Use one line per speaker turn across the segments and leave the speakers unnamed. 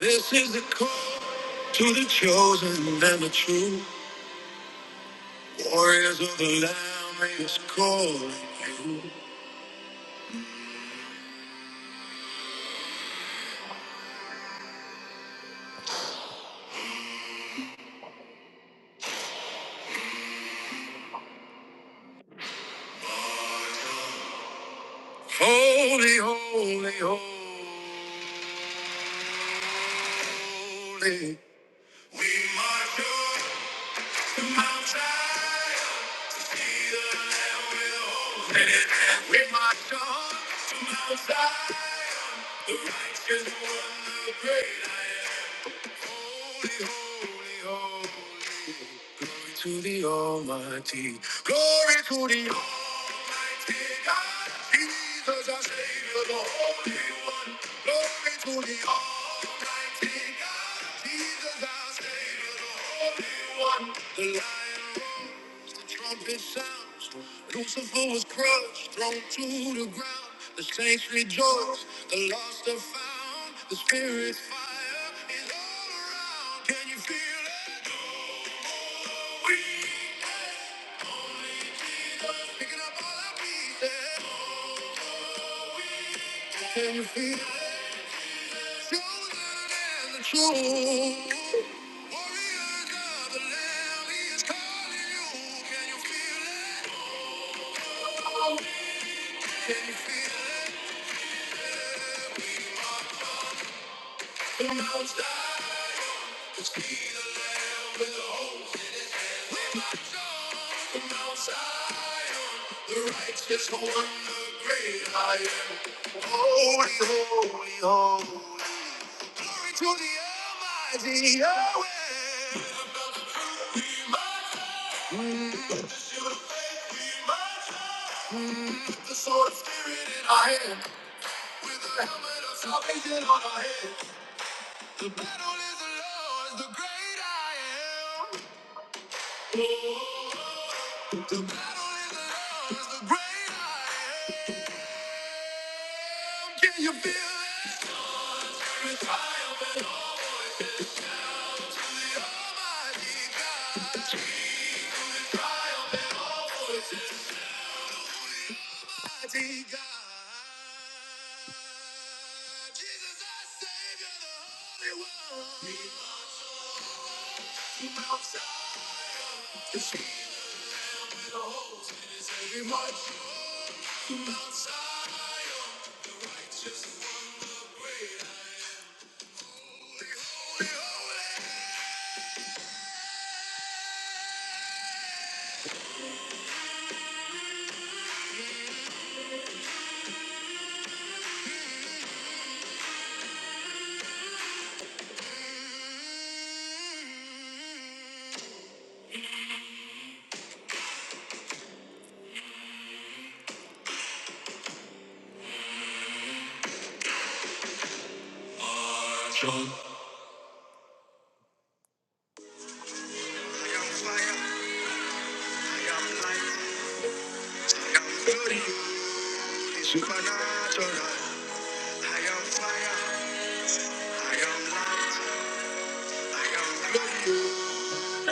This is the call to the chosen and the true. Now is calling you.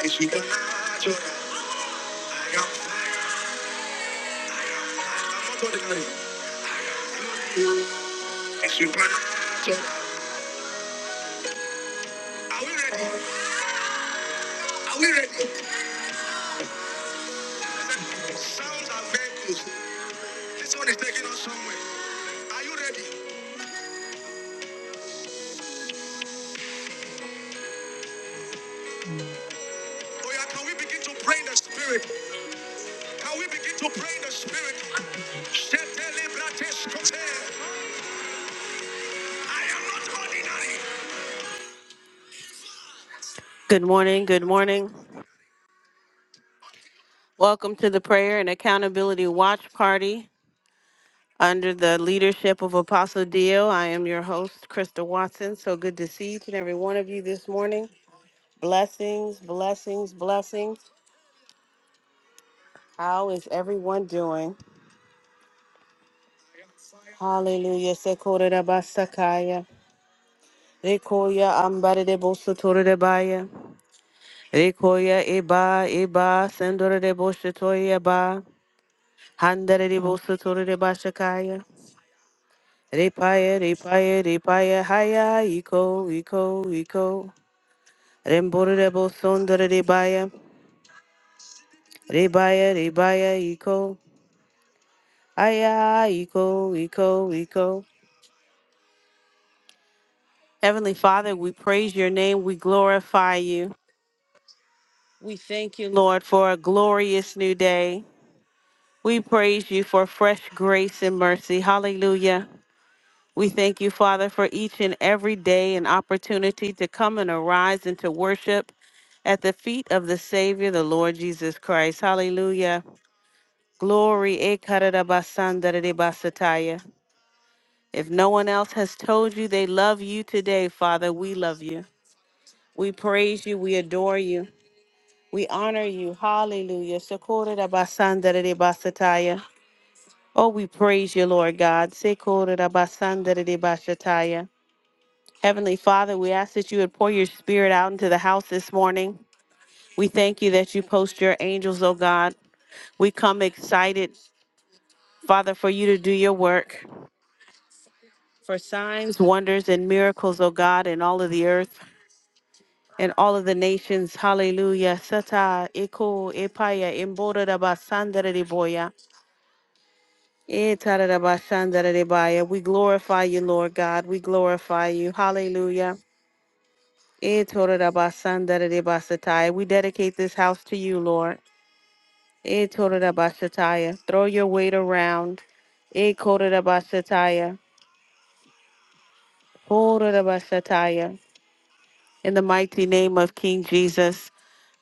It's you, It's you, Are we ready? Are we ready? Sounds are vehicles. This one is taking us somewhere. Are you ready? Oh yeah, we begin pray in the spirit? Can we begin to pray in the spirit? Shetele brateskote. I am not ordinary. Good morning, good morning. Welcome to the Prayer and Accountability Watch Party under the leadership of Apostle Dio. I am your host, Krista Watson. So good to see each and every one of you this morning. Blessings, blessings, blessings. How is everyone doing? Hallelujah. Sekorera basakaya. Rekoya ambare de bosotore de baya. Rekoya eba eba sendore de bosotoya ba. Handere de bosotore de bashakaya. Repaya, repaya, repaya, haya, eco, eco, eco. Remborebo sondere rebaya, rebaya, rebaya, eco. Haya, eco, eco, eco. Heavenly Father, we praise your name, we glorify you. We thank you, Lord, for a glorious new day. We praise you for fresh grace and mercy. Hallelujah. We thank you, Father, for each and every day and opportunity to come and arise and to worship at the feet of the Savior, the Lord Jesus Christ. Hallelujah. Glory. eh, karadabasandadadebasataya. If no one else has told you they love you today, Father, we love you. We praise you. We adore you. We honor you. Hallelujah. Sakoradabasandadadebasataya. Oh, we praise you, Lord God. Sekoradabasandadadebasataya. Heavenly Father, we ask that you would pour your spirit out into the house this morning. We thank you that you post your angels, oh God. We come excited, Father, for you to do your work, for signs, wonders, and miracles, oh God, in all of the earth and all of the nations. Hallelujah. Sata, Eko, Epaya, Embora da Basanda de Boya, Etara da Basanda de Baya. We glorify you, Lord God. We glorify you. Hallelujah. Eh, Torodabasandarabasatai. We dedicate this house to you, Lord. Eh, Torodabasataya. Throw your weight around. Eh, Korodabasataya. Korodabasataya. In the mighty name of King Jesus.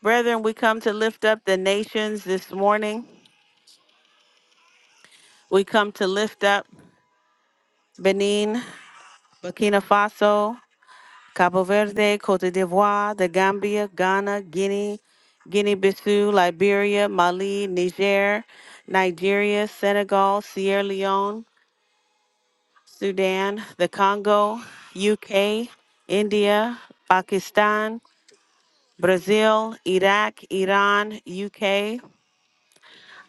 Brethren, we come to lift up the nations this morning. We come to lift up Benin, Burkina Faso. Cabo Verde, Cote d'Ivoire, the Gambia, Ghana, Guinea, Guinea-Bissau, Liberia, Mali, Niger, Nigeria, Senegal, Sierra Leone, Sudan, the Congo, UK, India, Pakistan, Brazil, Iraq, Iran, UK,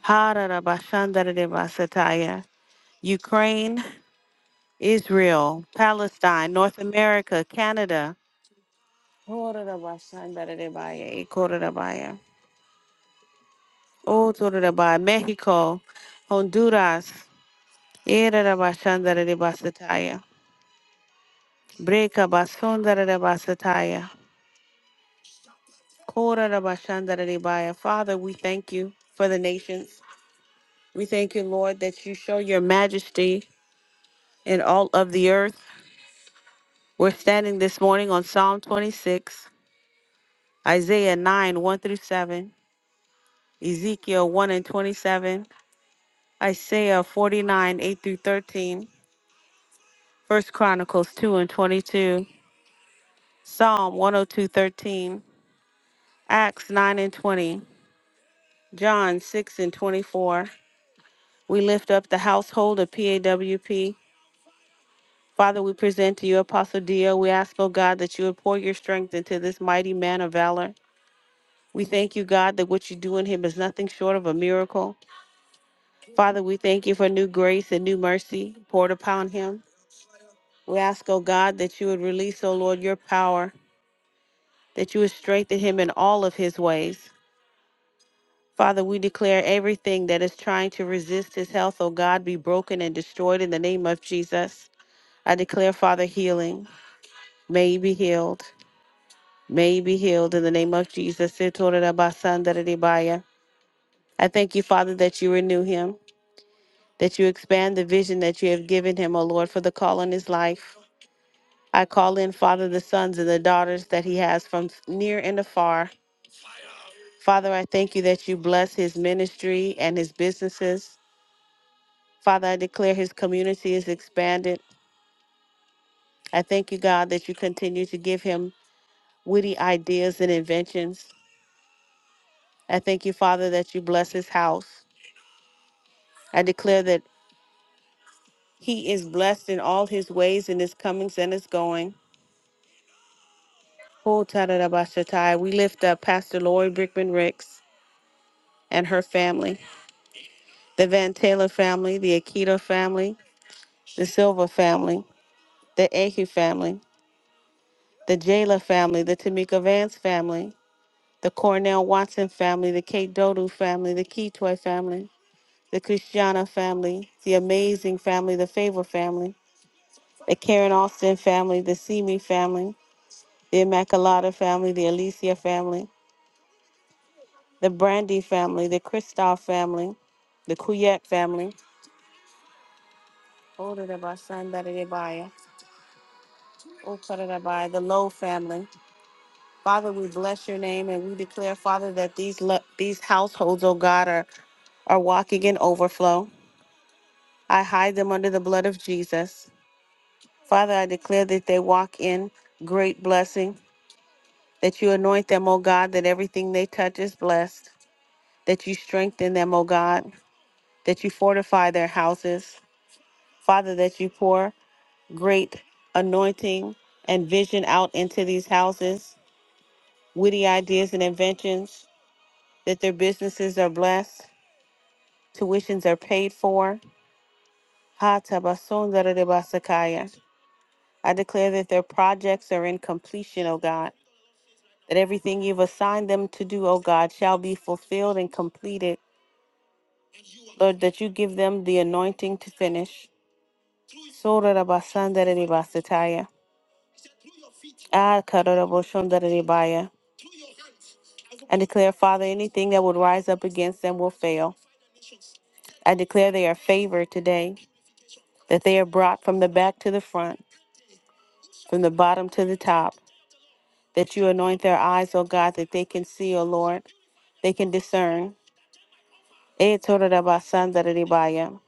Hararabashandaradebasataya, Ukraine, Israel, Palestine, North America, Canada, Horarabashandaradebaya, Ikorarabaya. Oh, Torereba, Mexico, Honduras, Erereba, Shandarereba, Sataya, Breka, Basundarereba, Sataya, Korereba, Shandarerebaya. Father, we thank you for the nations. We thank you, Lord, that you show your majesty in all of the earth. We're standing this morning on Psalm 26, Isaiah 9, 1 through 7, Ezekiel 1 and 27, Isaiah 49, 8 through 13, 1 Chronicles 2 and 22. Psalm 102:13, Acts 9 and 20, John 6 and 24. We lift up the household of PAWP. Father, we present to you Apostle Dio. We ask, oh God, that you would pour your strength into this mighty man of valor. We thank you, God, that what you do in him is nothing short of a miracle. Father, we thank you for new grace and new mercy poured upon him. We ask, oh God, that you would release, oh Lord, your power, that you would strengthen him in all of his ways. Father, we declare everything that is trying to resist his health, oh God, be broken and destroyed in the name of Jesus. I declare, Father, healing. May he be healed. May he be healed in the name of Jesus. I thank you, Father, that you renew him, that you expand the vision that you have given him, O Lord, for the call on his life. I call in, Father, the sons and the daughters that he has from near and afar. Father, I thank you that you bless his ministry and his businesses. Father, I declare his community is expanded. I thank you, God, that you continue to give him witty ideas and inventions. I thank you, Father, that you bless his house. I declare that he is blessed in all his ways, in his comings and his going. Oh, tadadabashatai. We lift up Pastor Lori Brickman Ricks and her family, the Van Taylor family, the Akita family, the Silva family, the Ahe family, the Jayla family, the Tamika Vance family, the Cornell Watson family, the Kate Dodu family, the Keytoy family, the Christiana family, the Amazing family, the Favor family, the Karen Austin family, the Simi family, the Immaculata family, the Alicia family, the Brandy family, the Kristoff family, the Kuyet family, oh, da da ba, son, da da da ba, ya. Oh, ka da da ba, the Lowe family. Father, we bless your name and we declare, Father, that these lo- these households, oh God, are, are walking in overflow. I hide them under the blood of Jesus. Father, I declare that they walk in great blessing, that you anoint them, O God, that everything they touch is blessed, that you strengthen them, O God, that you fortify their houses. Father, that you pour great anointing and vision out into these houses, witty ideas and inventions, that their businesses are blessed, tuitions are paid for. Ha tabasundara de basakaya. I declare that their projects are in completion, O God, that everything you've assigned them to do, O God, shall be fulfilled and completed. Lord, that you give them the anointing to finish. Sorarabasandariribasataya. Ah, kararaboshondariribaya. I declare, Father, anything that would rise up against them will fail. I declare they are favored today, that they are brought from the back to the front, from the bottom to the top, that you anoint their eyes, O God, that they can see, O Lord, they can discern. Eh, total that by son, that it by you.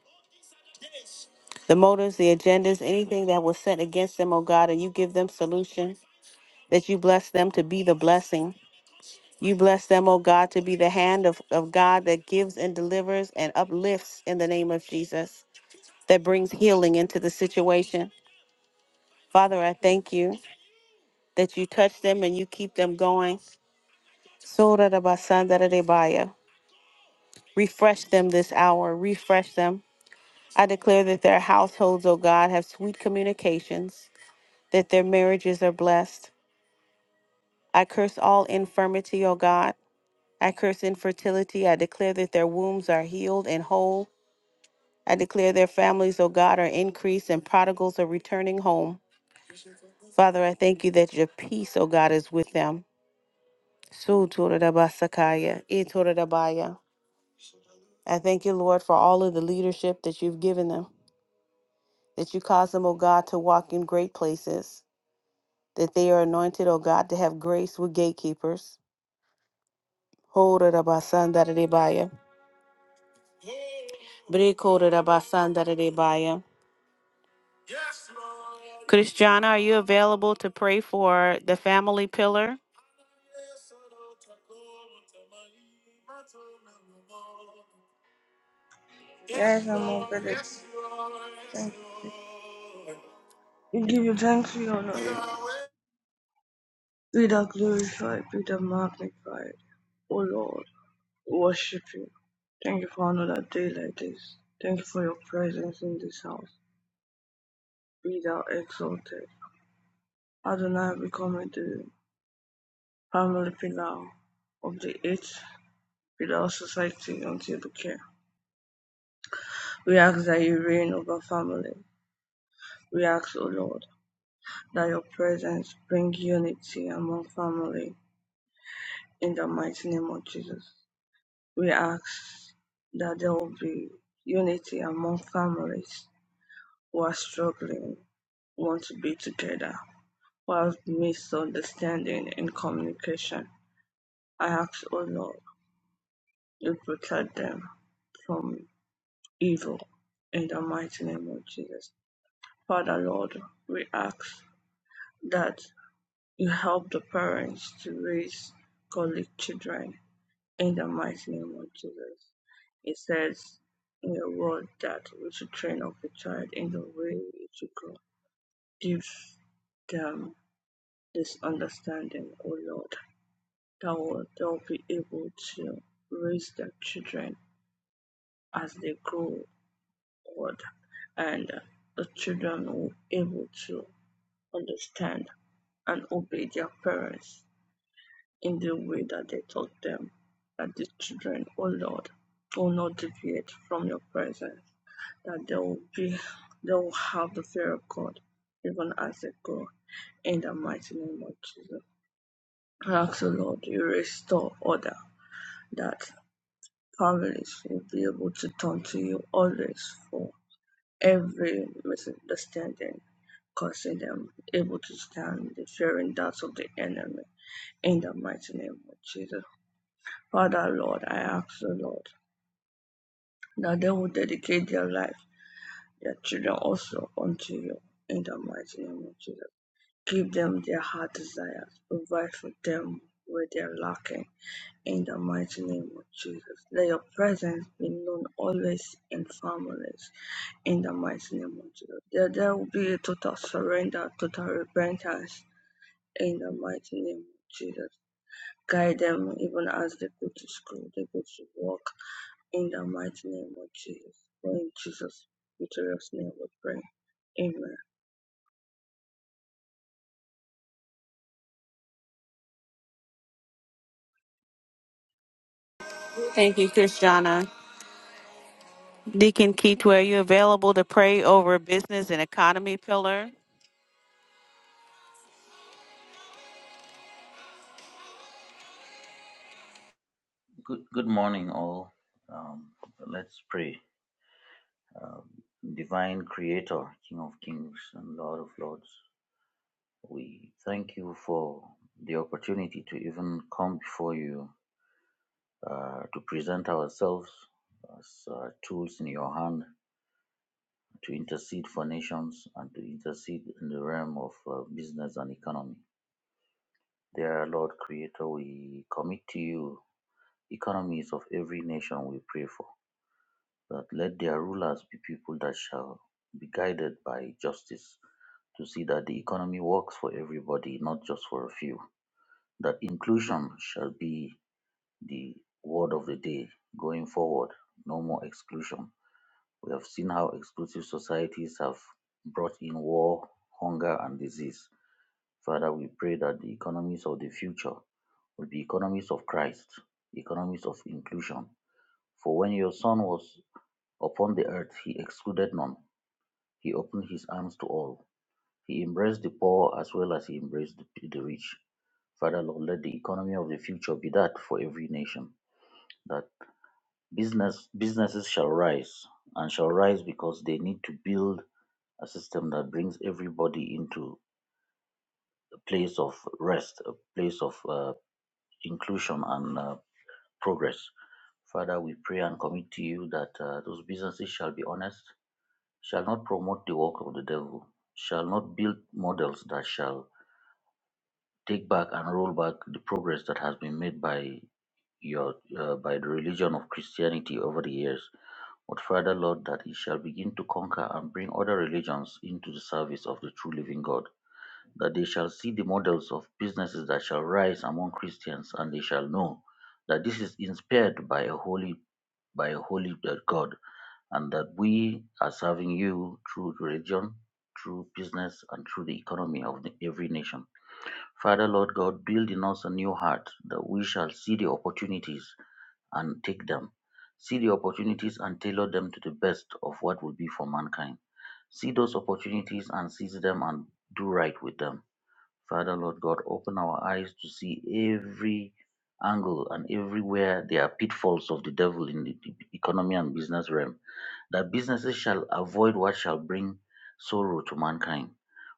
The motives, the agendas, anything that was set against them, O God, and you give them solution, that you bless them to be the blessing. You bless them, O God, to be the hand of, of God that gives and delivers and uplifts in the name of Jesus, that brings healing into the situation. Father, I thank you that you touch them and you keep them going. Soda da ba san da da de ba Refresh them this hour, refresh them. I declare that their households, O God, have sweet communications that their marriages are blessed. I curse all infirmity, O God. I curse infertility. I declare that their wombs are healed and whole. I declare their families, O God, are increased and prodigals are returning home. Father, I thank you that your peace, O God, is with them. Su toradabasakaya, e toradabaya. I thank you, Lord, for all of the leadership that you've given them, that you cause them, O God, to walk in great places, that they are anointed, O God, to have grace with gatekeepers. Ho toradabasandadadebaya. Brikorabasandararebaya. Christiana, are you available to pray for the family pillar?
Yes, I'm available. Thank you. Jesus. We give you thanks, we honor you. Be thou glorified, be thou magnified. O Lord, we worship you. Thank you for another day like this. Thank you for your presence in this house. Be thou exalted. Adonai, we come into the family pillar of the eighth pillar of society until the care. We ask that you reign over family. We ask, O Lord, that your presence bring unity among family In the mighty name of Jesus, we ask that there will be unity among families who are struggling, who want to be together, who have misunderstanding in communication. I ask, O Lord, you protect them from evil in the mighty name of Jesus. Father, Lord, we ask that you help the parents to raise godly children in the mighty name of Jesus. It says in your word that we should train up a child in the way it should go. Give them this understanding, O Lord, that will, they'll be able to raise their children as they grow old, and the children will be able to understand and obey their parents in the way that they taught them. That the children, O Lord, will not deviate from your presence that they will be they will have the fear of God, even as they grow in the mighty name of Jesus. I ask the Lord you restore order that families will be able to turn to you always for every misunderstanding, causing them able to stand the fearing doubts of the enemy in the mighty name of Jesus. Father Lord, I ask the Lord that they will dedicate their life, their children also unto you in the mighty name of Jesus. Give them their heart desires. Provide for them where they are lacking. In the mighty name of Jesus. Let your presence be known always in families. In the mighty name of Jesus. There, there will be a total surrender, total repentance. In the mighty name of Jesus. Guide them even as they go to school, they go to work. In the mighty name of Jesus. For in Jesus' victorious name we pray. Amen.
Thank you, Christiana. Deacon Keith, are you available to pray over business and economy pillar?
Good, good morning, all. Um, let's pray. Um, Divine Creator, King of Kings and Lord of Lords, we thank you for the opportunity to even come before you uh, to present ourselves as uh, tools in your hand to intercede for nations and to intercede in the realm of uh, business and economy. Dear Lord Creator, we commit to you economies of every nation we pray for. that let their rulers be people that shall be guided by justice, to see that the economy works for everybody, not just for a few. That inclusion shall be the word of the day going forward, no more exclusion. We have seen how exclusive societies have brought in war, hunger, and disease. Father, we pray that the economies of the future will be economies of Christ, economies of inclusion. For when your son was upon the earth, he excluded none, He opened his arms to all. He embraced the poor as well as he embraced the the rich. Father Lord, let the economy of the future be that for every nation, that business businesses shall rise and shall rise because they need to build a system that brings everybody into a place of rest, a place of uh, inclusion and uh, progress. Father, we pray and commit to you that uh, those businesses shall be honest, shall not promote the work of the devil, shall not build models that shall take back and roll back the progress that has been made by your uh, by the religion of Christianity over the years. But further, Lord, that it shall begin to conquer and bring other religions into the service of the true living God. That they shall see the models of businesses that shall rise among Christians, and they shall know that this is inspired by a holy by a holy uh, God, and that we are serving you through religion, through business, and through the economy of the, every nation. Father, Lord God, build in us a new heart that we shall see the opportunities and take them. See the opportunities and tailor them to the best of what will be for mankind. See those opportunities and seize them and do right with them. Father, Lord God, open our eyes to see every angle and everywhere there are pitfalls of the devil in the the economy and business realm that businesses shall avoid what shall bring sorrow to mankind.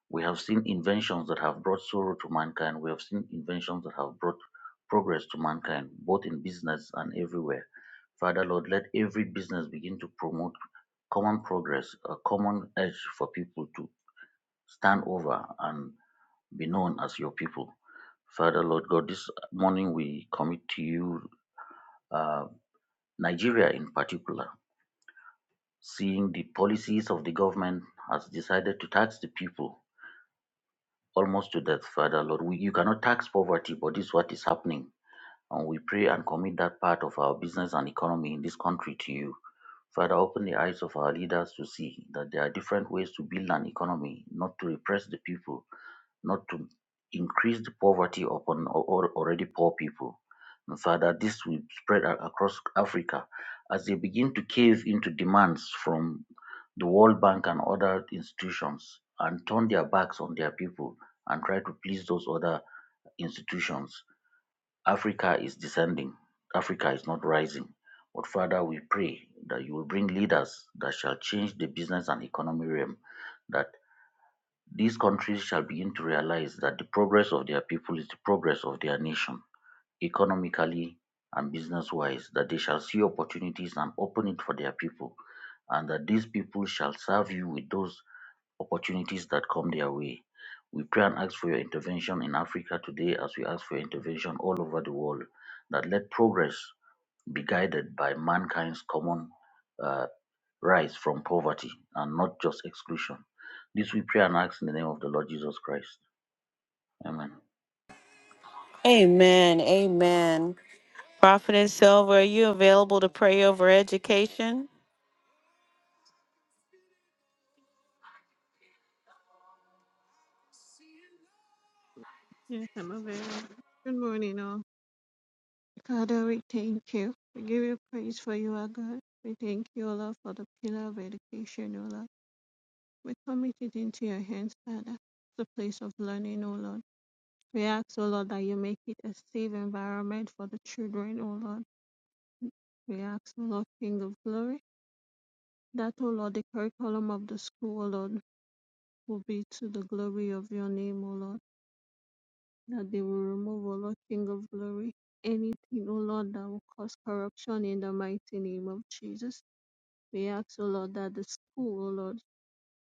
We have seen inventions that have brought sorrow to mankind. We have seen inventions that have brought progress to mankind, both in business and everywhere. Father Lord, let every business begin to promote common progress, a common edge for people to stand over and be known as your people. Father Lord God, this morning we commit to you uh, Nigeria in particular. Seeing the policies of the government has decided to tax the people almost to death, Father Lord. We, you cannot tax poverty, but this is what is happening. And we pray and commit that part of our business and economy in this country to you. Father, open the eyes of our leaders to see that there are different ways to build an economy, not to repress the people not to increase the poverty upon al- al- already poor people. And further, this will spread a- across Africa as they begin to cave into demands from the World Bank and other institutions and turn their backs on their people and try to please those other institutions. Africa is descending, Africa is not rising. But Father, we pray that you will bring leaders that shall change the business and economy realm That. These countries shall begin to realize that the progress of their people is the progress of their nation, economically and business-wise, that they shall see opportunities and open it for their people, and that these people shall serve you with those opportunities that come their way. We pray and ask for your intervention in Africa today as we ask for your intervention all over the world, that let progress be guided by mankind's common uh, rise from poverty and not just exclusion. This we pray and ask in the name of the Lord Jesus Christ. Amen.
Amen. Amen. Prophetess Silver, are you available to pray over education?
Yes, I'm available. Good morning, all. Father, we thank you. We give you praise for you, our God. We thank you, O Lord, for the pillar of education, O Lord. We commit it into your hands, Father. The place of learning, O Lord. We ask, O Lord, that you make it a safe environment for the children, O Lord. We ask, O Lord, King of glory, that, O Lord, the curriculum of the school, O Lord, will be to the glory of your name, O Lord. that they will remove, O Lord King of glory, anything, O Lord, that will cause corruption in the mighty name of Jesus. We ask, O Lord, that the school, O Lord,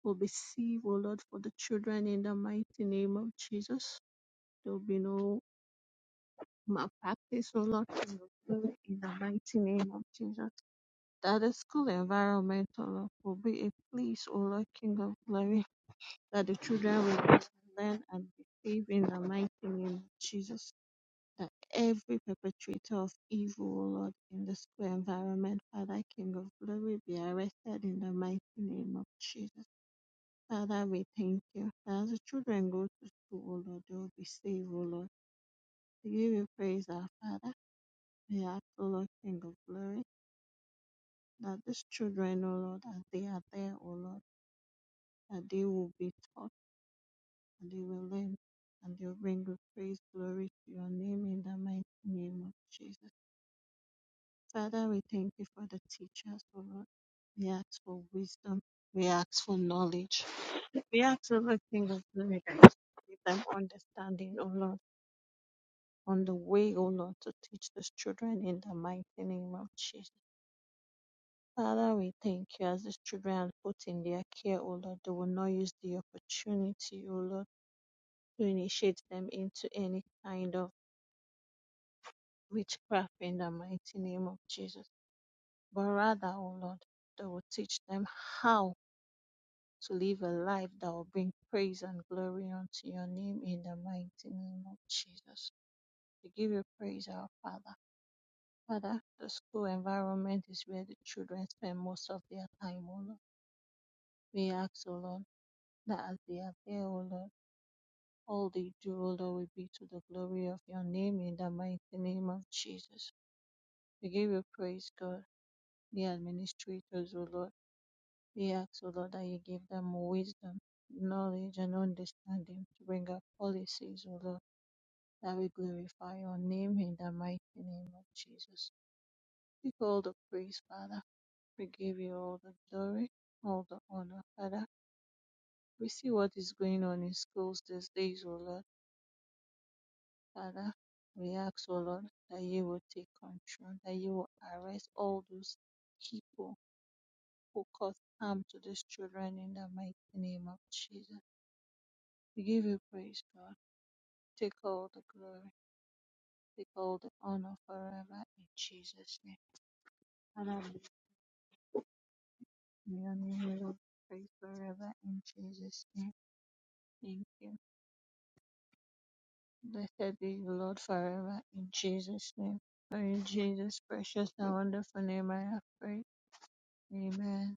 will be safe, O Lord, for the children in the mighty name of Jesus. There will be no malpractice, O Lord, King of glory, in the mighty name of Jesus. That the school environment, O Lord, will be a place, O Lord, King of glory, that the children will learn and be safe in the mighty name of Jesus that every perpetrator of evil, O Lord, in the school environment, Father, King of Glory, be arrested in the mighty name of Jesus. Father, we thank you. that As the children go to school, O Lord, they will be saved, O Lord. We give you praise, our Father. We ask, O Lord, King of Glory, that these children, O Lord, as they are there, O Lord, that they will be taught and they will learn and they will bring you praise, glory to your name in the mighty name of Jesus. Father, we thank you for the teachers, O Lord. We ask for wisdom. We ask for knowledge. We ask for everything of them. Give them understanding, O Lord, on the way, O Lord, to teach these children in the mighty name of Jesus. Father, we thank you as these children are put in their care, O Lord. They will not use the opportunity, O Lord, to initiate them into any kind of witchcraft in the mighty name of Jesus. But rather, O Lord, they will teach them how to live a life that will bring praise and glory unto your name in the mighty name of Jesus. We give you praise, our Father. Father, the school environment is where the children spend most of their time, O Lord. We ask, O Lord, that as they are there, O Lord, all they do, O Lord, will be to the glory of your name in the mighty name of Jesus. We give you praise, God, the administrators, O Lord We ask, O Lord, that you give them wisdom, knowledge, and understanding to bring up policies, O Lord, that we glorify your name in the mighty name of Jesus. Take all the praise, Father. We give you all the glory, all the honor, Father. We see what is going on in schools these days, O Lord, Father. We ask, O Lord, that you will take control, that you will arrest all those people who cause harm to these children in the mighty name of Jesus. We give you praise, God. Take all the glory, take all the honor forever in Jesus' name. And I lift your name, Lord, praise forever in Jesus' name. Thank you. Blessed be you, Lord, forever in Jesus' name. For in Jesus' precious and wonderful name I have prayed. Amen.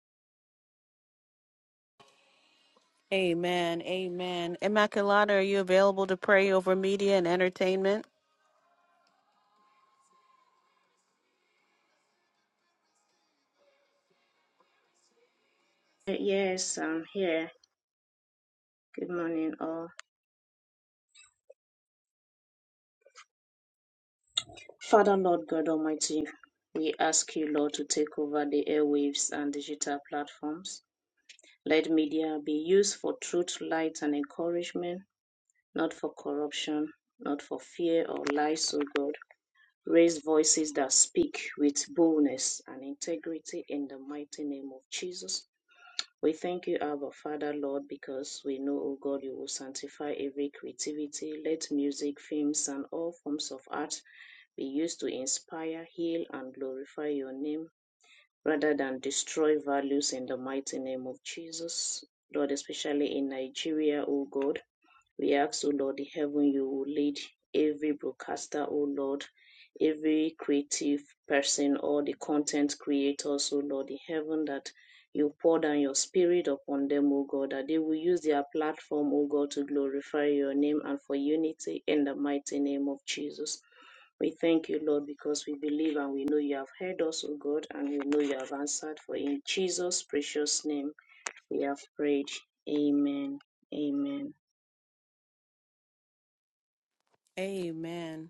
Amen. Amen. Immaculata, are you available to pray over media and entertainment?
Yes, I'm here. Good morning, all. Father, Lord God Almighty, we ask you, Lord, to take over the airwaves and digital platforms. Let media be used for truth, light, and encouragement, not for corruption, not for fear or lies, O God. Raise voices that speak with boldness and integrity in the mighty name of Jesus. We thank you, Abba Father, Lord, because we know, O God, you will sanctify every creativity. Let music, films, and all forms of art be used to inspire, heal, and glorify your name rather than destroy values in the mighty name of Jesus. Lord, especially in Nigeria, O God, we ask, O Lord in heaven, you will lead every broadcaster, O Lord, every creative person, all the content creators, O Lord in heaven, that you pour down your spirit upon them, O God, that they will use their platform, O God, to glorify your name and for unity in the mighty name of Jesus. We thank you, Lord, because we believe and we know you have heard us, O God, and we know you have answered. For in Jesus' precious name we have prayed. Amen. Amen.
Amen.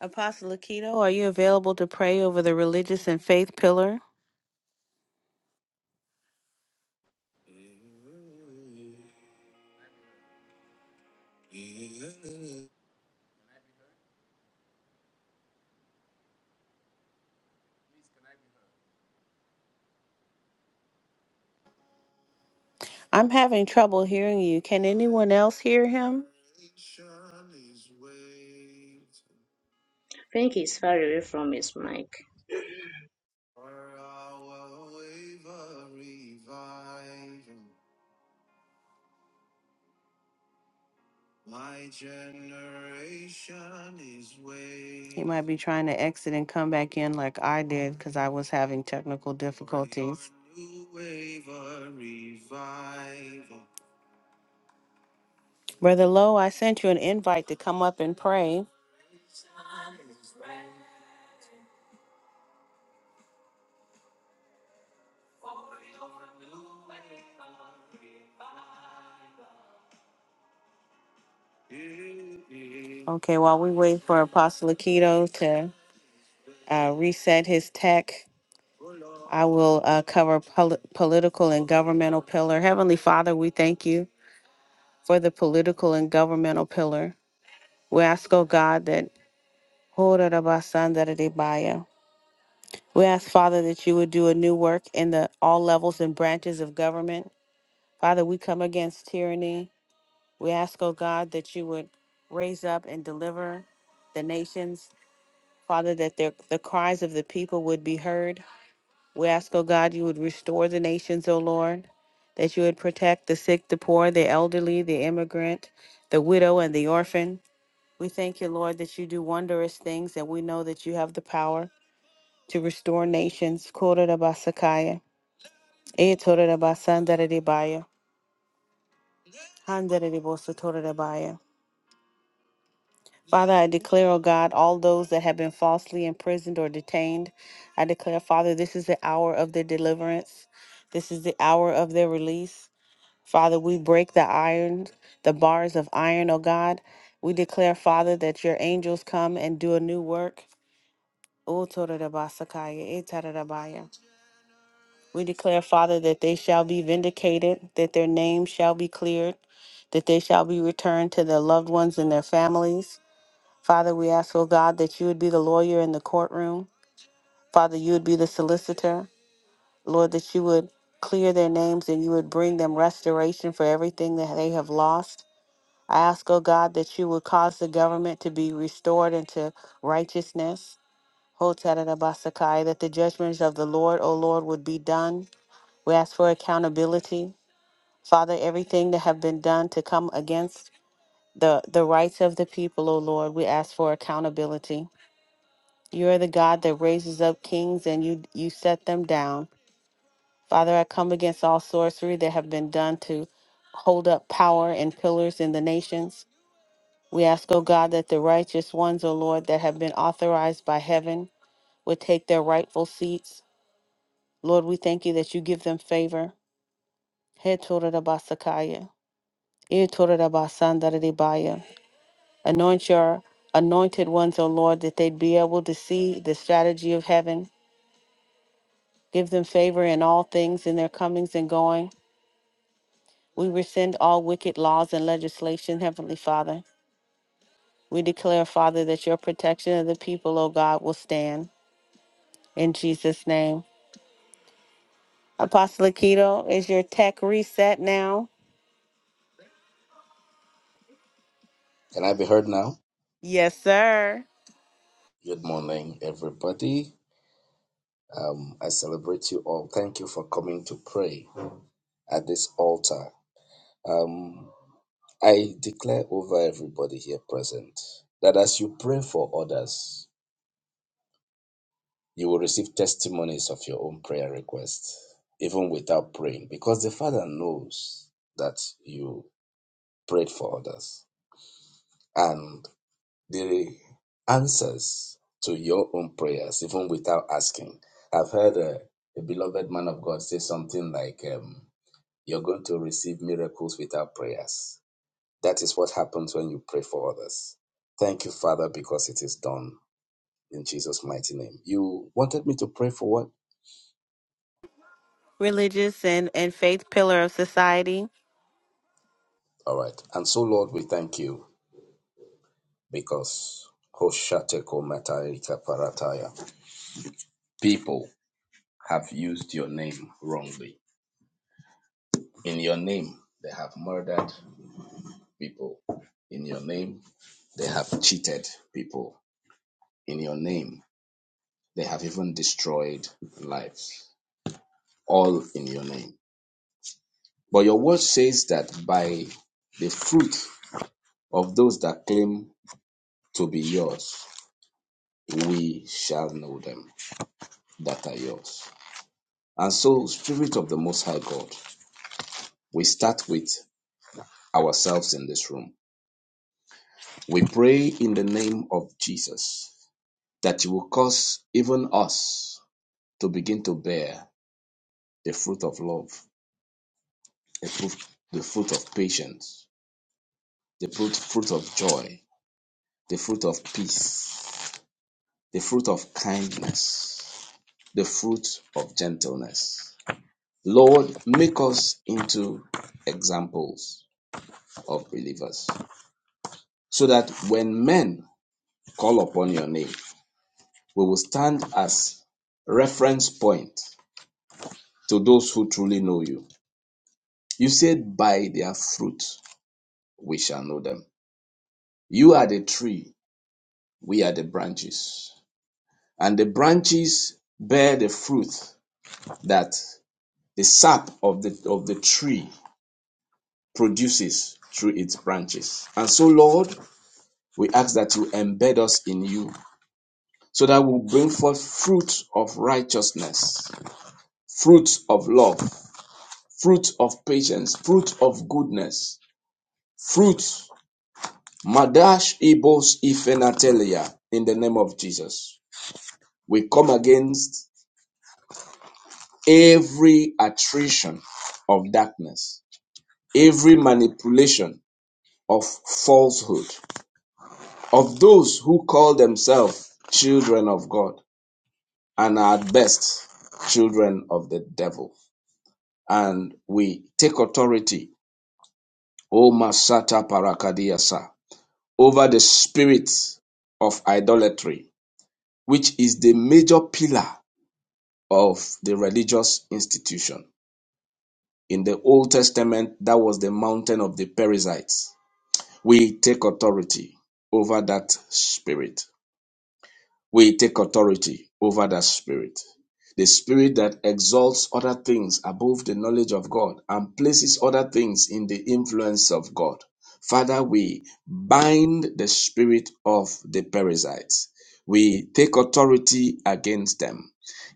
Apostle Aquino, are you available to pray over the religious and faith pillar?
Can I be heard? Can I be heard? Please, can I be heard?
I'm having trouble hearing you. Can anyone else hear him?
I think he's far away from his mic.
My generation is waiting. He might be trying to exit and come back in like I did because I was having technical difficulties. new wave of revival. Brother Lowe, I sent you an invite to come up and pray. Okay, while we wait for Apostle Aquino to uh, reset his tech, I will uh, cover pol- political and governmental pillar. Heavenly Father, we thank you for the political and governmental pillar. We ask, oh God, that we ask, Father, that you would do a new work in the all levels and branches of government. Father, we come against tyranny. We ask, oh God, that you would raise up and deliver the nations. Father, that their, the cries of the people would be heard. We ask, O God, you would restore the nations, O Lord, that you would protect the sick, the poor, the elderly, the immigrant, the widow, and the orphan. We thank you, Lord, that you do wondrous things, and we know that you have the power to restore nations. Kororabasakaya, etororabasandararebaya, handararebosatorebaya. Father, I declare, O God, all those that have been falsely imprisoned or detained, I declare, Father, this is the hour of their deliverance. This is the hour of their release. Father, we break the iron, the bars of iron, O God. We declare, Father, that your angels come and do a new work. O Torodabasakaya, E Tarodabaya. We declare, Father, that they shall be vindicated, that their name shall be cleared, that they shall be returned to their loved ones and their families. Father, we ask, O God, that you would be the lawyer in the courtroom. Father, you would be the solicitor. Lord, that you would clear their names and you would bring them restoration for everything that they have lost. I ask, O God, that you would cause the government to be restored into righteousness. Hotarabasakaya, That the judgments of the Lord, O Lord, would be done. We ask for accountability. Father, everything that have been done to come against the, the rights of the people, O Lord, we ask for accountability. You are the God that raises up kings and you you set them down. Father, I come against all sorcery that have been done to hold up power and pillars in the nations. We ask, O God, that the righteous ones, O Lord, that have been authorized by heaven would take their rightful seats. Lord, we thank you that you give them favor. He tora e tora Anoint your anointed ones, O Lord, that they'd be able to see the strategy of heaven. Give them favor in all things, in their comings and going. We rescind all wicked laws and legislation, Heavenly Father. We declare, Father, that your protection of the people, O God, will stand. In Jesus' name. Apostle Keto, is your tech reset now?
Can I be heard now?
Yes, sir.
Good morning, everybody. Um, I celebrate you all. Thank you for coming to pray at this altar. Um, I declare over everybody here present that as you pray for others, you will receive testimonies of your own prayer requests, even without praying, because the Father knows that you prayed for others. and. the answers to your own prayers, even without asking. I've heard a, a beloved man of God say something like, um, You're going to receive miracles without prayers. That is what happens when you pray for others. Thank you, Father, because it is done in Jesus' mighty name. You wanted me to pray for what?
Religious and, and faith pillar of society.
All right. And so, Lord, we thank you because Hoshateko Matarika Parataya. People have used your name wrongly In your name, they have murdered people. In your name, they have cheated people. In your name, they have even destroyed lives. All in your name. But your word says that by the fruit of those that claim to be yours, we shall know them that are yours. And so, Spirit of the Most High God, we start with ourselves in this room. We pray in the name of Jesus that it will cause even us to begin to bear the fruit of love, the fruit, the fruit of patience, the fruit, fruit of joy, the fruit of peace, the fruit of kindness, the fruit of gentleness. Lord, make us into examples of believers so that when men call upon your name, we will stand as reference point to those who truly know you. You said, by their fruit we shall know them. You are the tree, we are the branches. And the branches bear the fruit that the sap of the, of the tree produces through its branches. And so, Lord, we ask that you embed us in you so that we'll bring forth fruit of righteousness, fruit of love, fruit of patience, fruit of goodness, fruit. Madash ibos ifenatelia in the name of Jesus. We come against every attrition of darkness, every manipulation of falsehood, of those who call themselves children of God and are at best children of the devil. And we take authority, O Masata Parakadiasa, over the spirit of idolatry, which is the major pillar of the religious institution. In the Old Testament, that was the mountain of the Perizzites We take authority over that spirit. We take authority over that spirit. The spirit that exalts other things above the knowledge of God and places other things in the influence of God. Father, we bind the spirit of the parasites. We take authority against them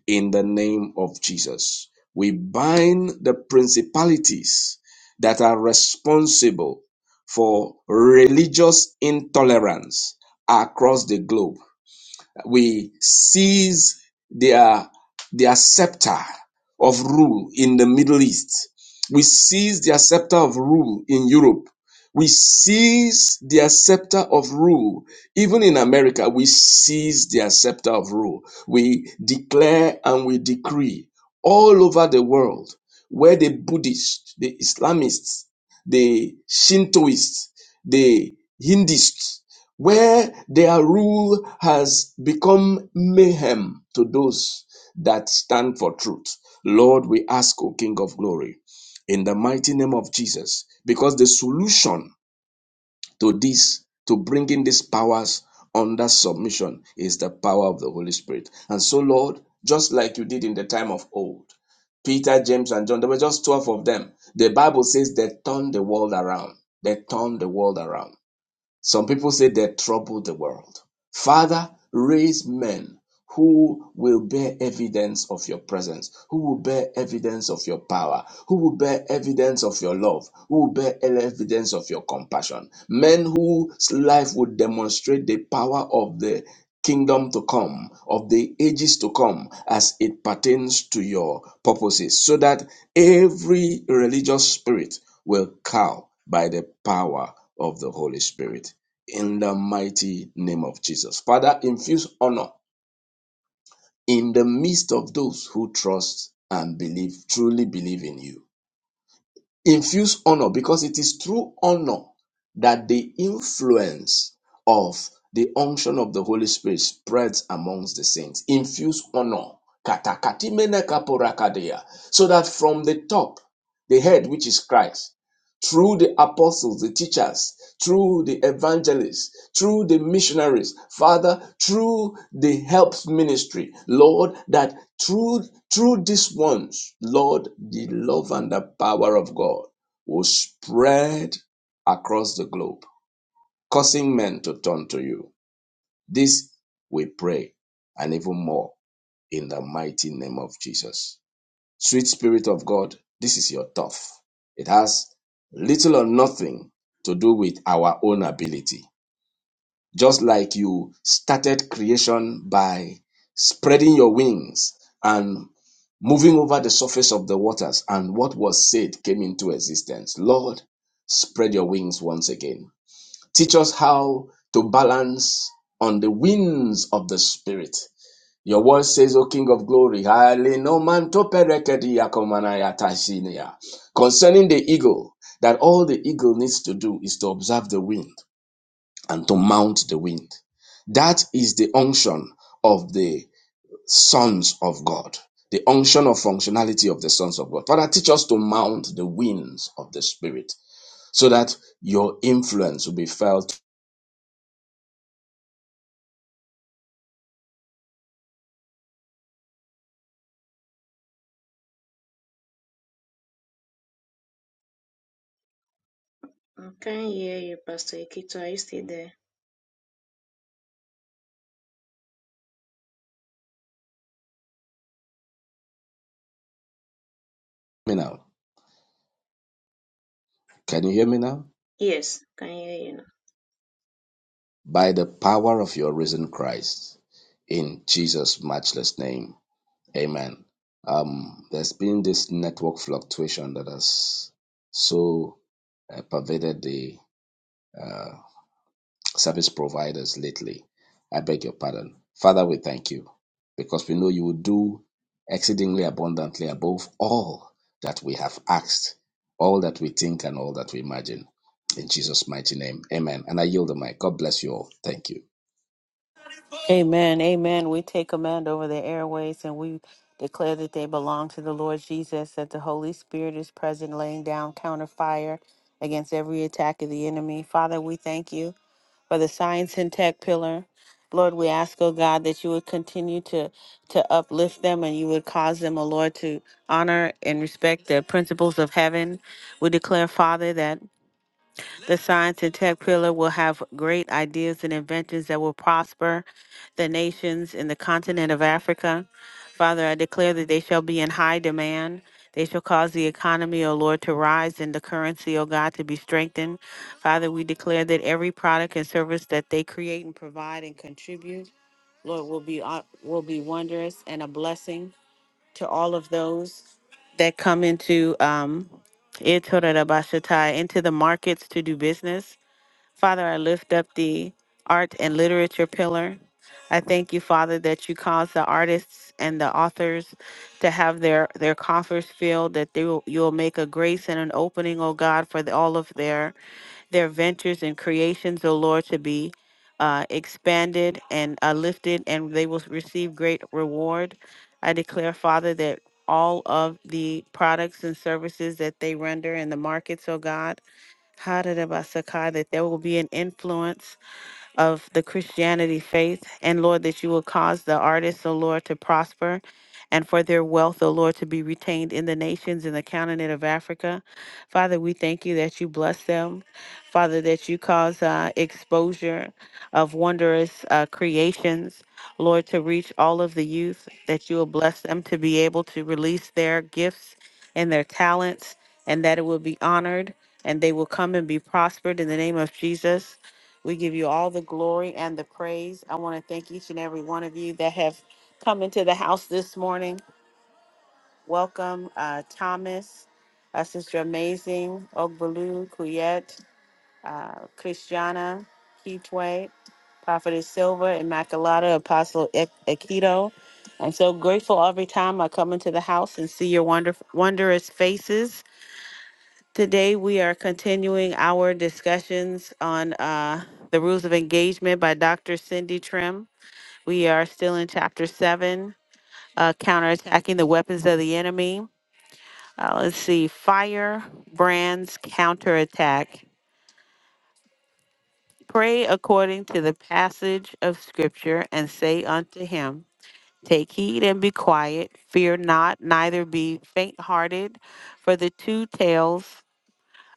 in the name of Jesus. We bind the principalities that are responsible for religious intolerance across the globe we seize their, their scepter of rule in the Middle East. We seize their scepter of rule in Europe. We seize their scepter of rule. Even in America, we seize their scepter of rule. We declare and we decree all over the world where the Buddhists, the Islamists, the Shintoists, the Hindists, where their rule has become mayhem to those that stand for truth. Lord, we ask, O King of glory, in the mighty name of Jesus, because the solution to this, to bringing these powers under submission, is the power of the Holy Spirit. And so, Lord, just like you did in the time of old, Peter, James, and John, there were just 12 of them. The Bible says they turned the world around. They turned the world around. Some people say they troubled the world. Father, raise men who will bear evidence of your presence, who will bear evidence of your power, who will bear evidence of your love, who will bear evidence of your compassion. Men whose life would demonstrate the power of the kingdom to come, of the ages to come, as it pertains to your purposes, so that every religious spirit will cow by the power of the Holy Spirit in the mighty name of Jesus. Father, infuse honor in the midst of those who trust and believe, truly believe in you. Infuse honor because it is through honor that the influence of the unction of the Holy Spirit spreads amongst the saints. Infuse honor. Katakatimene kaporakadeya. So that from the top, the head, which is Christ, through the apostles, the teachers, through the evangelists, through the missionaries, Father, through the help ministry, Lord, that through through these ones, Lord, the love and the power of God will spread across the globe, causing men to turn to you. This we pray, and even more in the mighty name of Jesus. Sweet Spirit of God, this is your turf. It has little or nothing to do with our own ability. Just like you started creation by spreading your wings and moving over the surface of the waters, and what was said came into existence. Lord, spread your wings once again. Teach us how to balance on the winds of the Spirit your word says, O King of Glory, highly no man to perekedi yakomana yatasinia." concerning the eagle, that all the eagle needs to do is to observe the wind and to mount the wind. That is the unction of the sons of God, the unction of functionality of the sons of God. Father, teach us to mount the winds of the Spirit so that your influence will be felt.
I can't hear you, Pastor Ikito. Are you still there?
Now, Can you hear me now?
Yes, I can hear you.
by the power of your risen Christ. In Jesus' matchless name. Amen. Um, there's been this network fluctuation that has so uh, pervaded the uh, service providers lately. I beg your pardon. Father, we thank you because we know you will do exceedingly abundantly above all that we have asked, all that we think, and all that we imagine. In Jesus' mighty name. Amen. And I yield the mic. God bless you all. Thank you.
Amen. Amen. We take command over the airways and we declare that they belong to the Lord Jesus, that the Holy Spirit is present, laying down counter fire against every attack of the enemy. Father, we thank you. for the science and tech pillar. Lord, we ask, oh God, that you would continue to to uplift them and you would cause them, oh Lord, to honor and respect the principles of heaven. We declare, Father, that the science and tech pillar will have great ideas and inventions that will prosper the nations in the continent of Africa. Father, I declare that they shall be in high demand. They shall cause the economy, O Lord, to rise and the currency, O God, to be strengthened. Father, we declare that every product and service that they create and provide and contribute, Lord, will be uh, will be wondrous and a blessing to all of those that come into um eh, Torerabashatai, into the markets to do business. Father, I lift up the art and literature pillar. I thank you, Father, that you cause the artists and the authors to have their their coffers filled, that they will, you'll make a grace and an opening, oh God, for the, all of their their ventures and creations, O Lord, to be uh, expanded and uh, lifted, and they will receive great reward. I declare, Father, that all of the products and services that they render in the markets, O God, 100 by that there will be an influence of the Christianity faith. And Lord, that you will cause the artists, O Lord, to prosper and for their wealth, O Lord, to be retained in the nations in the continent of Africa. Father, we thank you that you bless them. Father, that you cause uh, exposure of wondrous uh, creations, Lord, to reach all of the youth, that you will bless them to be able to release their gifts and their talents, and that it will be honored and they will come and be prospered in the name of Jesus. We give you all the glory and the praise. I want to thank each and every one of you that have come into the house this morning. Welcome, uh, Thomas, uh, Sister Amazing, Ogbalu, Kuyet, uh, Christiana, Kitwe, Prophetess Silva, Immaculata, Apostle Ik- Aikido. I'm so grateful every time I come into the house and see your wonderful, wondrous faces. Today, we are continuing our discussions on uh, the rules of engagement by Dr. Cindy Trim. We are still in chapter seven, uh, counterattacking the weapons of the enemy. Uh, let's see, fire, brands, counterattack. Pray according to the passage of scripture and say unto him, Take heed and be quiet, fear not, neither be faint hearted, for the two tails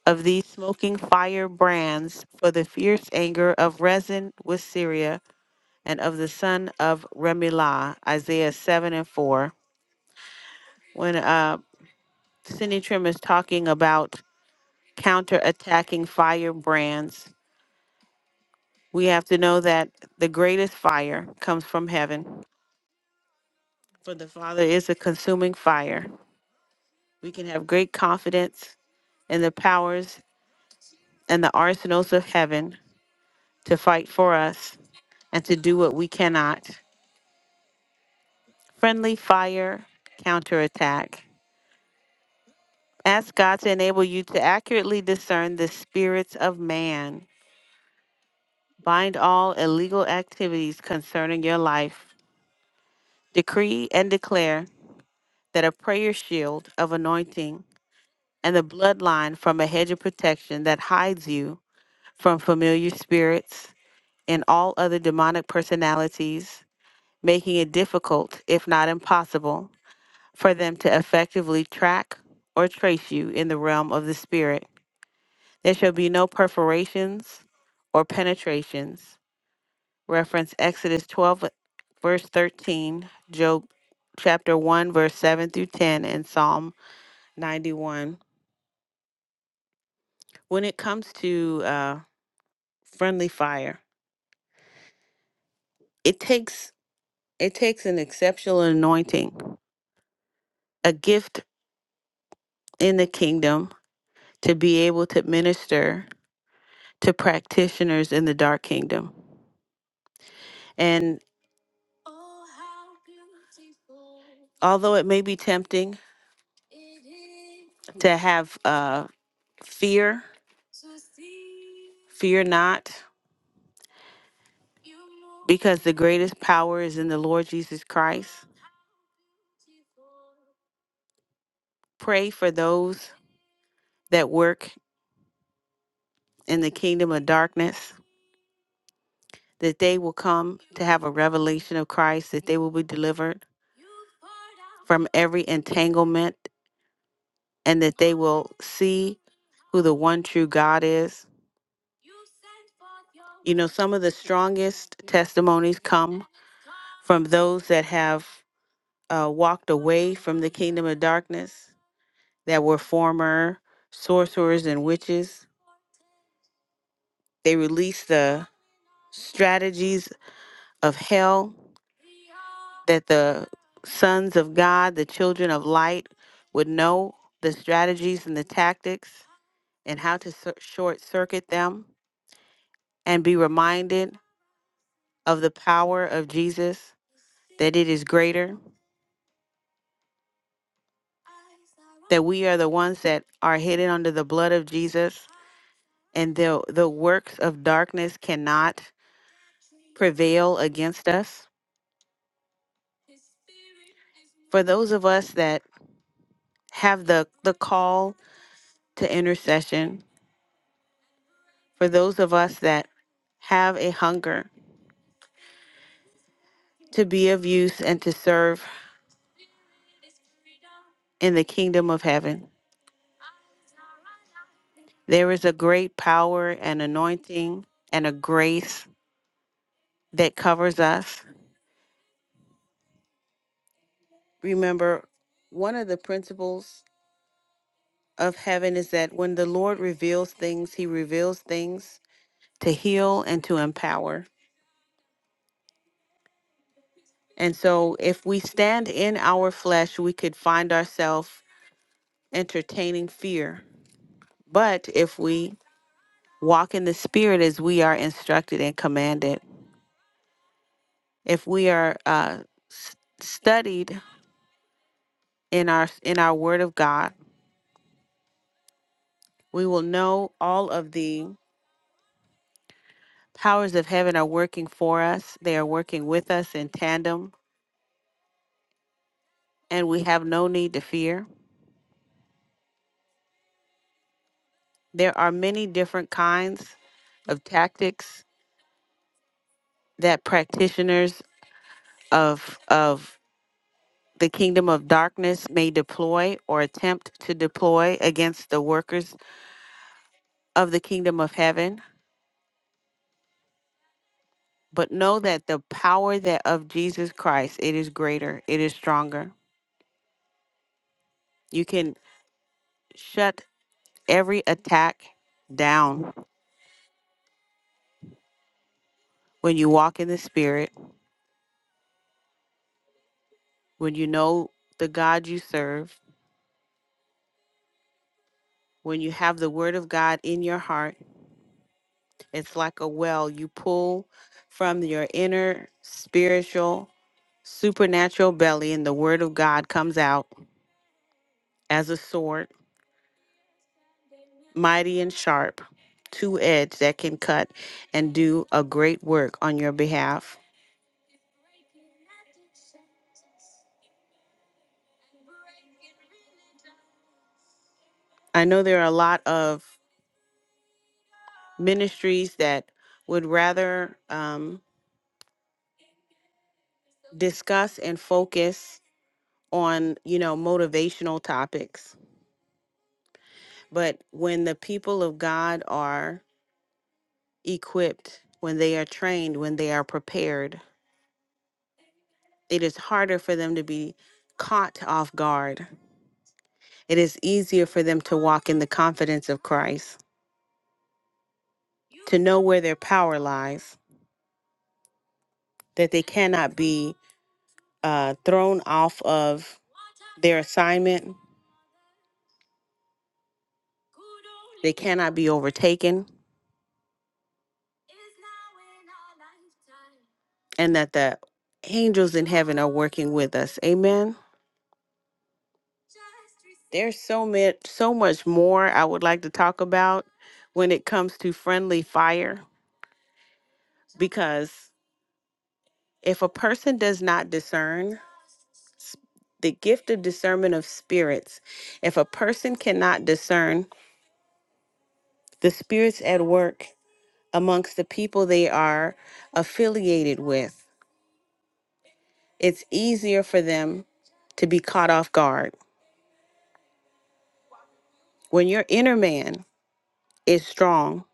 of these smoking fire brands for the fierce anger of Rezin with Syria and of the son of Remelah, Isaiah 7 and 4. When uh, Sinitrim is talking about counter-attacking fire brands, we have to know that the greatest fire comes from heaven, for the Father is a consuming fire. We can have great confidence in the powers and the arsenals of heaven to fight for us and to do what we cannot. Friendly fire counterattack. Ask God to enable you to accurately discern the spirits of man. Bind all illegal activities concerning your life. Decree and declare that a prayer shield of anointing and the bloodline from a hedge of protection that hides you from familiar spirits and all other demonic personalities, making it difficult, if not impossible, for them to effectively track or trace you in the realm of the spirit. There shall be no perforations or penetrations. Reference Exodus 12, verse 13, Job chapter 1, verse 7 through 10, and Psalm 91. When it comes to uh, friendly fire, it takes it takes an exceptional anointing, a gift in the kingdom to be able to minister to practitioners in the dark kingdom. and. although it may be tempting to have uh, fear, fear not, because the greatest power is in the Lord Jesus Christ. Pray for those that work in the kingdom of darkness, that they will come to have a revelation of Christ, that they will be delivered from every entanglement, and that they will see who the one true God is. You know, some of the strongest testimonies come from those that have uh, walked away from the kingdom of darkness that were former sorcerers and witches. They released the strategies of hell that the sons of God, the children of light, would know the strategies and the tactics and how to cir- short circuit them and be reminded of the power of Jesus, that it is greater, that we are the ones that are hidden under the blood of Jesus and the, the works of darkness cannot prevail against us. For those of us that have the, the call to intercession, for those of us that have a hunger to be of use and to serve in the kingdom of heaven, there is a great power and anointing and a grace that covers us. Remember, one of the principles of heaven is that when the Lord reveals things, he reveals things to heal and to empower. And so, if we stand in our flesh, we could find ourselves entertaining fear. But if we walk in the spirit as we are instructed and commanded, if we are uh, studied in our in our Word of God, we will know all of the powers of heaven are working for us. They are working with us in tandem, and we have no need to fear. There are many different kinds of tactics that practitioners of of the kingdom of darkness may deploy or attempt to deploy against the workers of the kingdom of heaven but know that the power that of Jesus Christ it is greater it is stronger you can shut every attack down when you walk in the spirit when you know the God you serve when you have the word of God in your heart it's like a well you pull from your inner spiritual supernatural belly, and the word of God comes out as a sword, mighty and sharp, two edged that can cut and do a great work on your behalf. I know there are a lot of ministries that would rather um, discuss and focus on, you know, motivational topics. But when the people of God are equipped, when they are trained, when they are prepared, it is harder for them to be caught off guard It is easier for them to walk in the confidence of Christ, to know where their power lies, that they cannot be uh, thrown off of their assignment, they cannot be overtaken, and that the angels in heaven are working with us. Amen. There's so much, so much more I would like to talk about when it comes to friendly fire, because if a person does not discern, the gift of discernment of spirits. If a person cannot discern the spirits at work amongst the people they are affiliated with, it's easier for them to be caught off guard. When your inner man is strong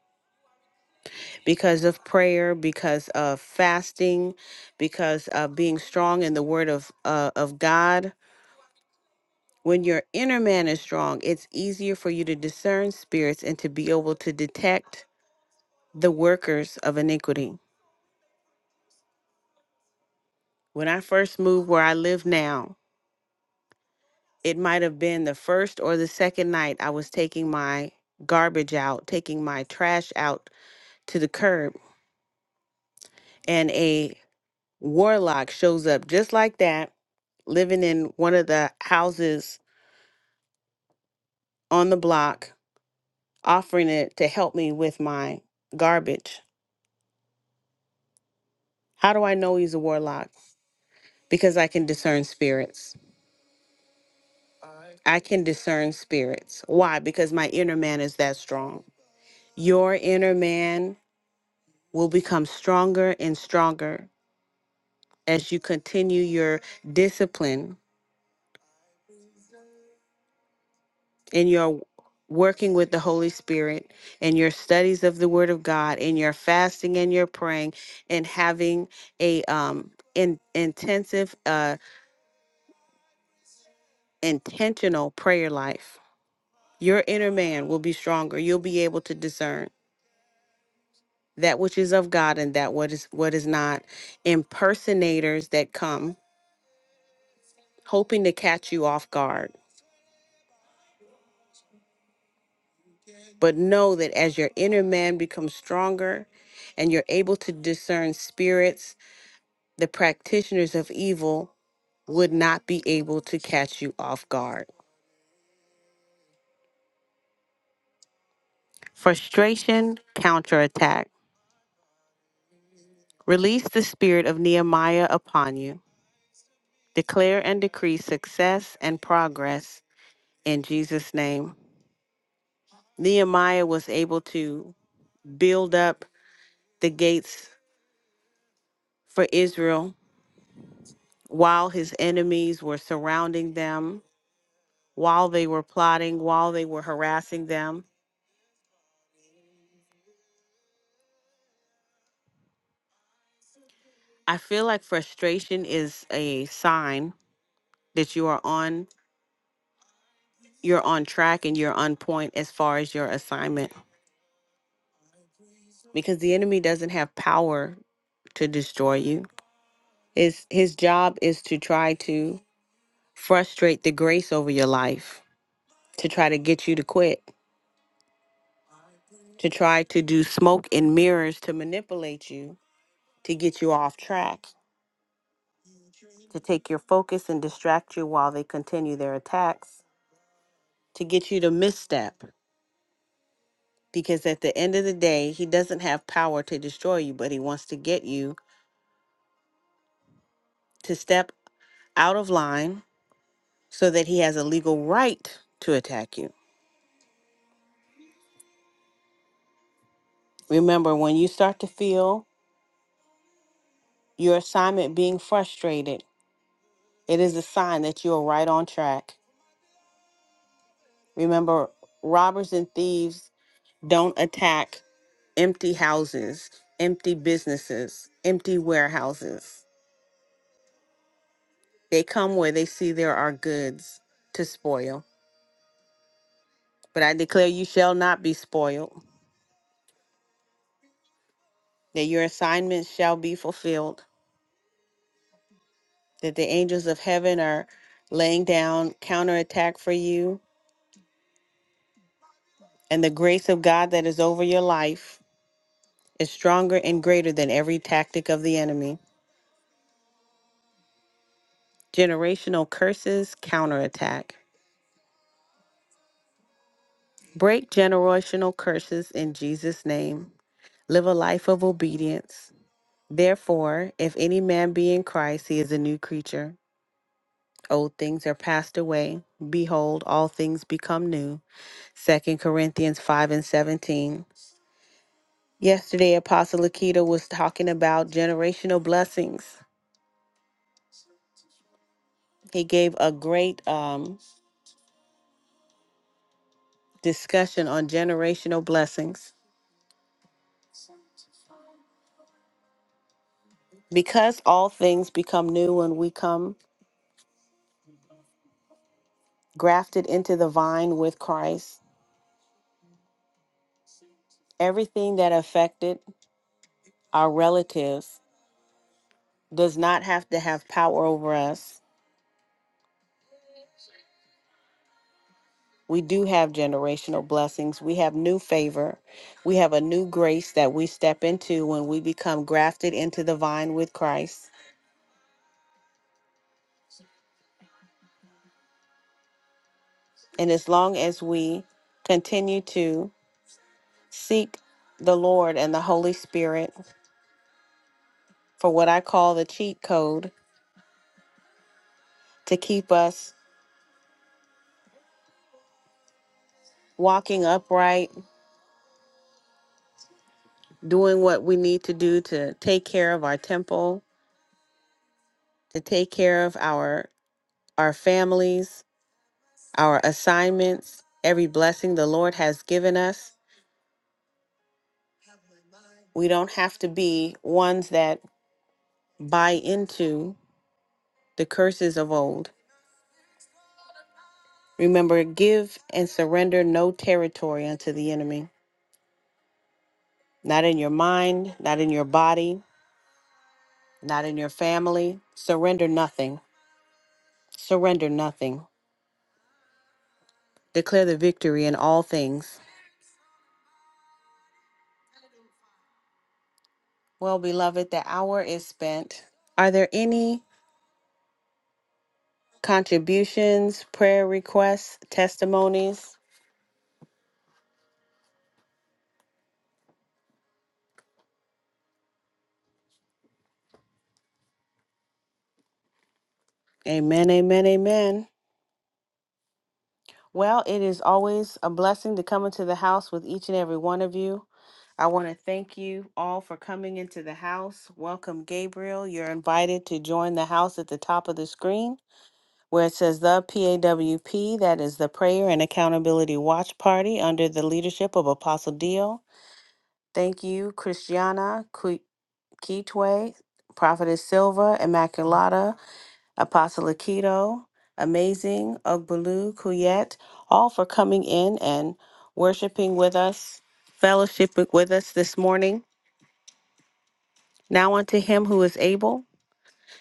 because of prayer, because of fasting, because of being strong in the word of uh, of God, when your inner man is strong, it's easier for you to discern spirits and to be able to detect the workers of iniquity. When I first moved where I live now, it might have been the first or the second night I was taking my garbage out, taking my trash out to the curb, and a warlock shows up just like that, living in one of the houses on the block, offering it to help me with my garbage. How do I know he's a warlock? Because I can discern spirits. I can discern spirits. Why? Because my inner man is that strong. Your inner man will become stronger and stronger as you continue your discipline in your working with the Holy Spirit and your studies of the Word of God and your fasting and your praying and having a um in, intensive uh intentional prayer life. Your inner man will be stronger. You'll be able to discern that which is of God and that what is what is not. Impersonators that come hoping to catch you off guard But know that as your inner man becomes stronger and you're able to discern spirits, the practitioners of evil would not be able to catch you off guard. Frustration, counterattack. Release the spirit of Nehemiah upon you. Declare and decree success and progress in Jesus' name. Nehemiah was able to build up the gates for Israel while his enemies were surrounding them while they were plotting, while they were harassing them. I feel like frustration is a sign that you are on you're on track and you're on point as far as your assignment because the enemy doesn't have power to destroy you. His his job is to try to frustrate the grace over your life, to try to get you to quit, to try to do smoke and mirrors to manipulate you, to get you off track, to take your focus and distract you while they continue their attacks. to get you to misstep because at the end of the day, he doesn't have power to destroy you, but he wants to get you to step out of line so that he has a legal right to attack you. Remember, when you start to feel your assignment being frustrated, it is a sign that you are right on track. Remember, robbers and thieves don't attack empty houses, empty businesses, empty warehouses. They come where they see there are goods to spoil. But I declare you shall not be spoiled, that your assignments shall be fulfilled, that the angels of heaven are laying down counterattack for you, and the grace of God that is over your life is stronger and greater than every tactic of the enemy. Generational curses counterattack. Break generational curses in Jesus' name. Live a life of obedience. Therefore, if any man be in Christ, he is a new creature. old things are passed away behold all things become new Second corinthians 5 and 17 yesterday apostle akita was talking about generational blessings he gave a great um, discussion on generational blessings because all things become new when we come grafted into the vine with christ everything that affected our relatives does not have to have power over us We do have generational blessings. We have new favor. We have a new grace that we step into when we become grafted into the vine with Christ. And as long as we continue to seek the Lord and the Holy Spirit for what I call the cheat code to keep us walking upright, doing what we need to do to take care of our temple, to take care of our our families, our assignments, every blessing the Lord has given us We don't have to be ones that buy into the curses of old. Remember, give and surrender no territory unto the enemy, not in your mind, not in your body, not in your family. Surrender nothing. Surrender nothing. Declare the victory in all things. Well, beloved, the hour is spent. Are there any contributions, prayer requests, testimonies? Amen, amen, amen. Well, it is always a blessing to come into the house with each and every one of you. I want to thank you all for coming into the house. Welcome, Gabriel. You're invited to join the house at the top of the screen where it says the PAWP, that is the Prayer and Accountability Watch Party under the leadership of Apostle Dio. Thank you, Christiana, Qui- Kitwe, Prophetess Silva, Immaculata, Apostle Akito, Amazing, Ogbalu, Kuyet, all for coming in and worshiping with us, fellowshiping with us this morning. Now unto him who is able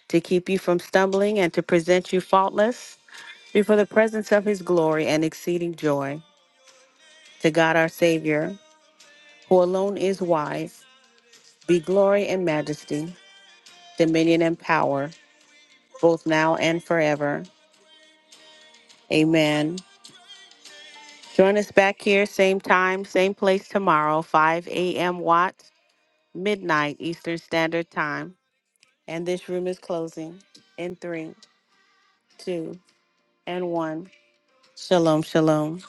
to keep you from stumbling and to present you faultless before the presence of his glory and exceeding joy. To God our Savior, who alone is wise, be glory and majesty, dominion and power, both now and forever. Amen. Join us back here, same time, same place tomorrow, 5 a.m. Watts, midnight Eastern Standard Time. And this room is closing in three, two, and one. Shalom, shalom.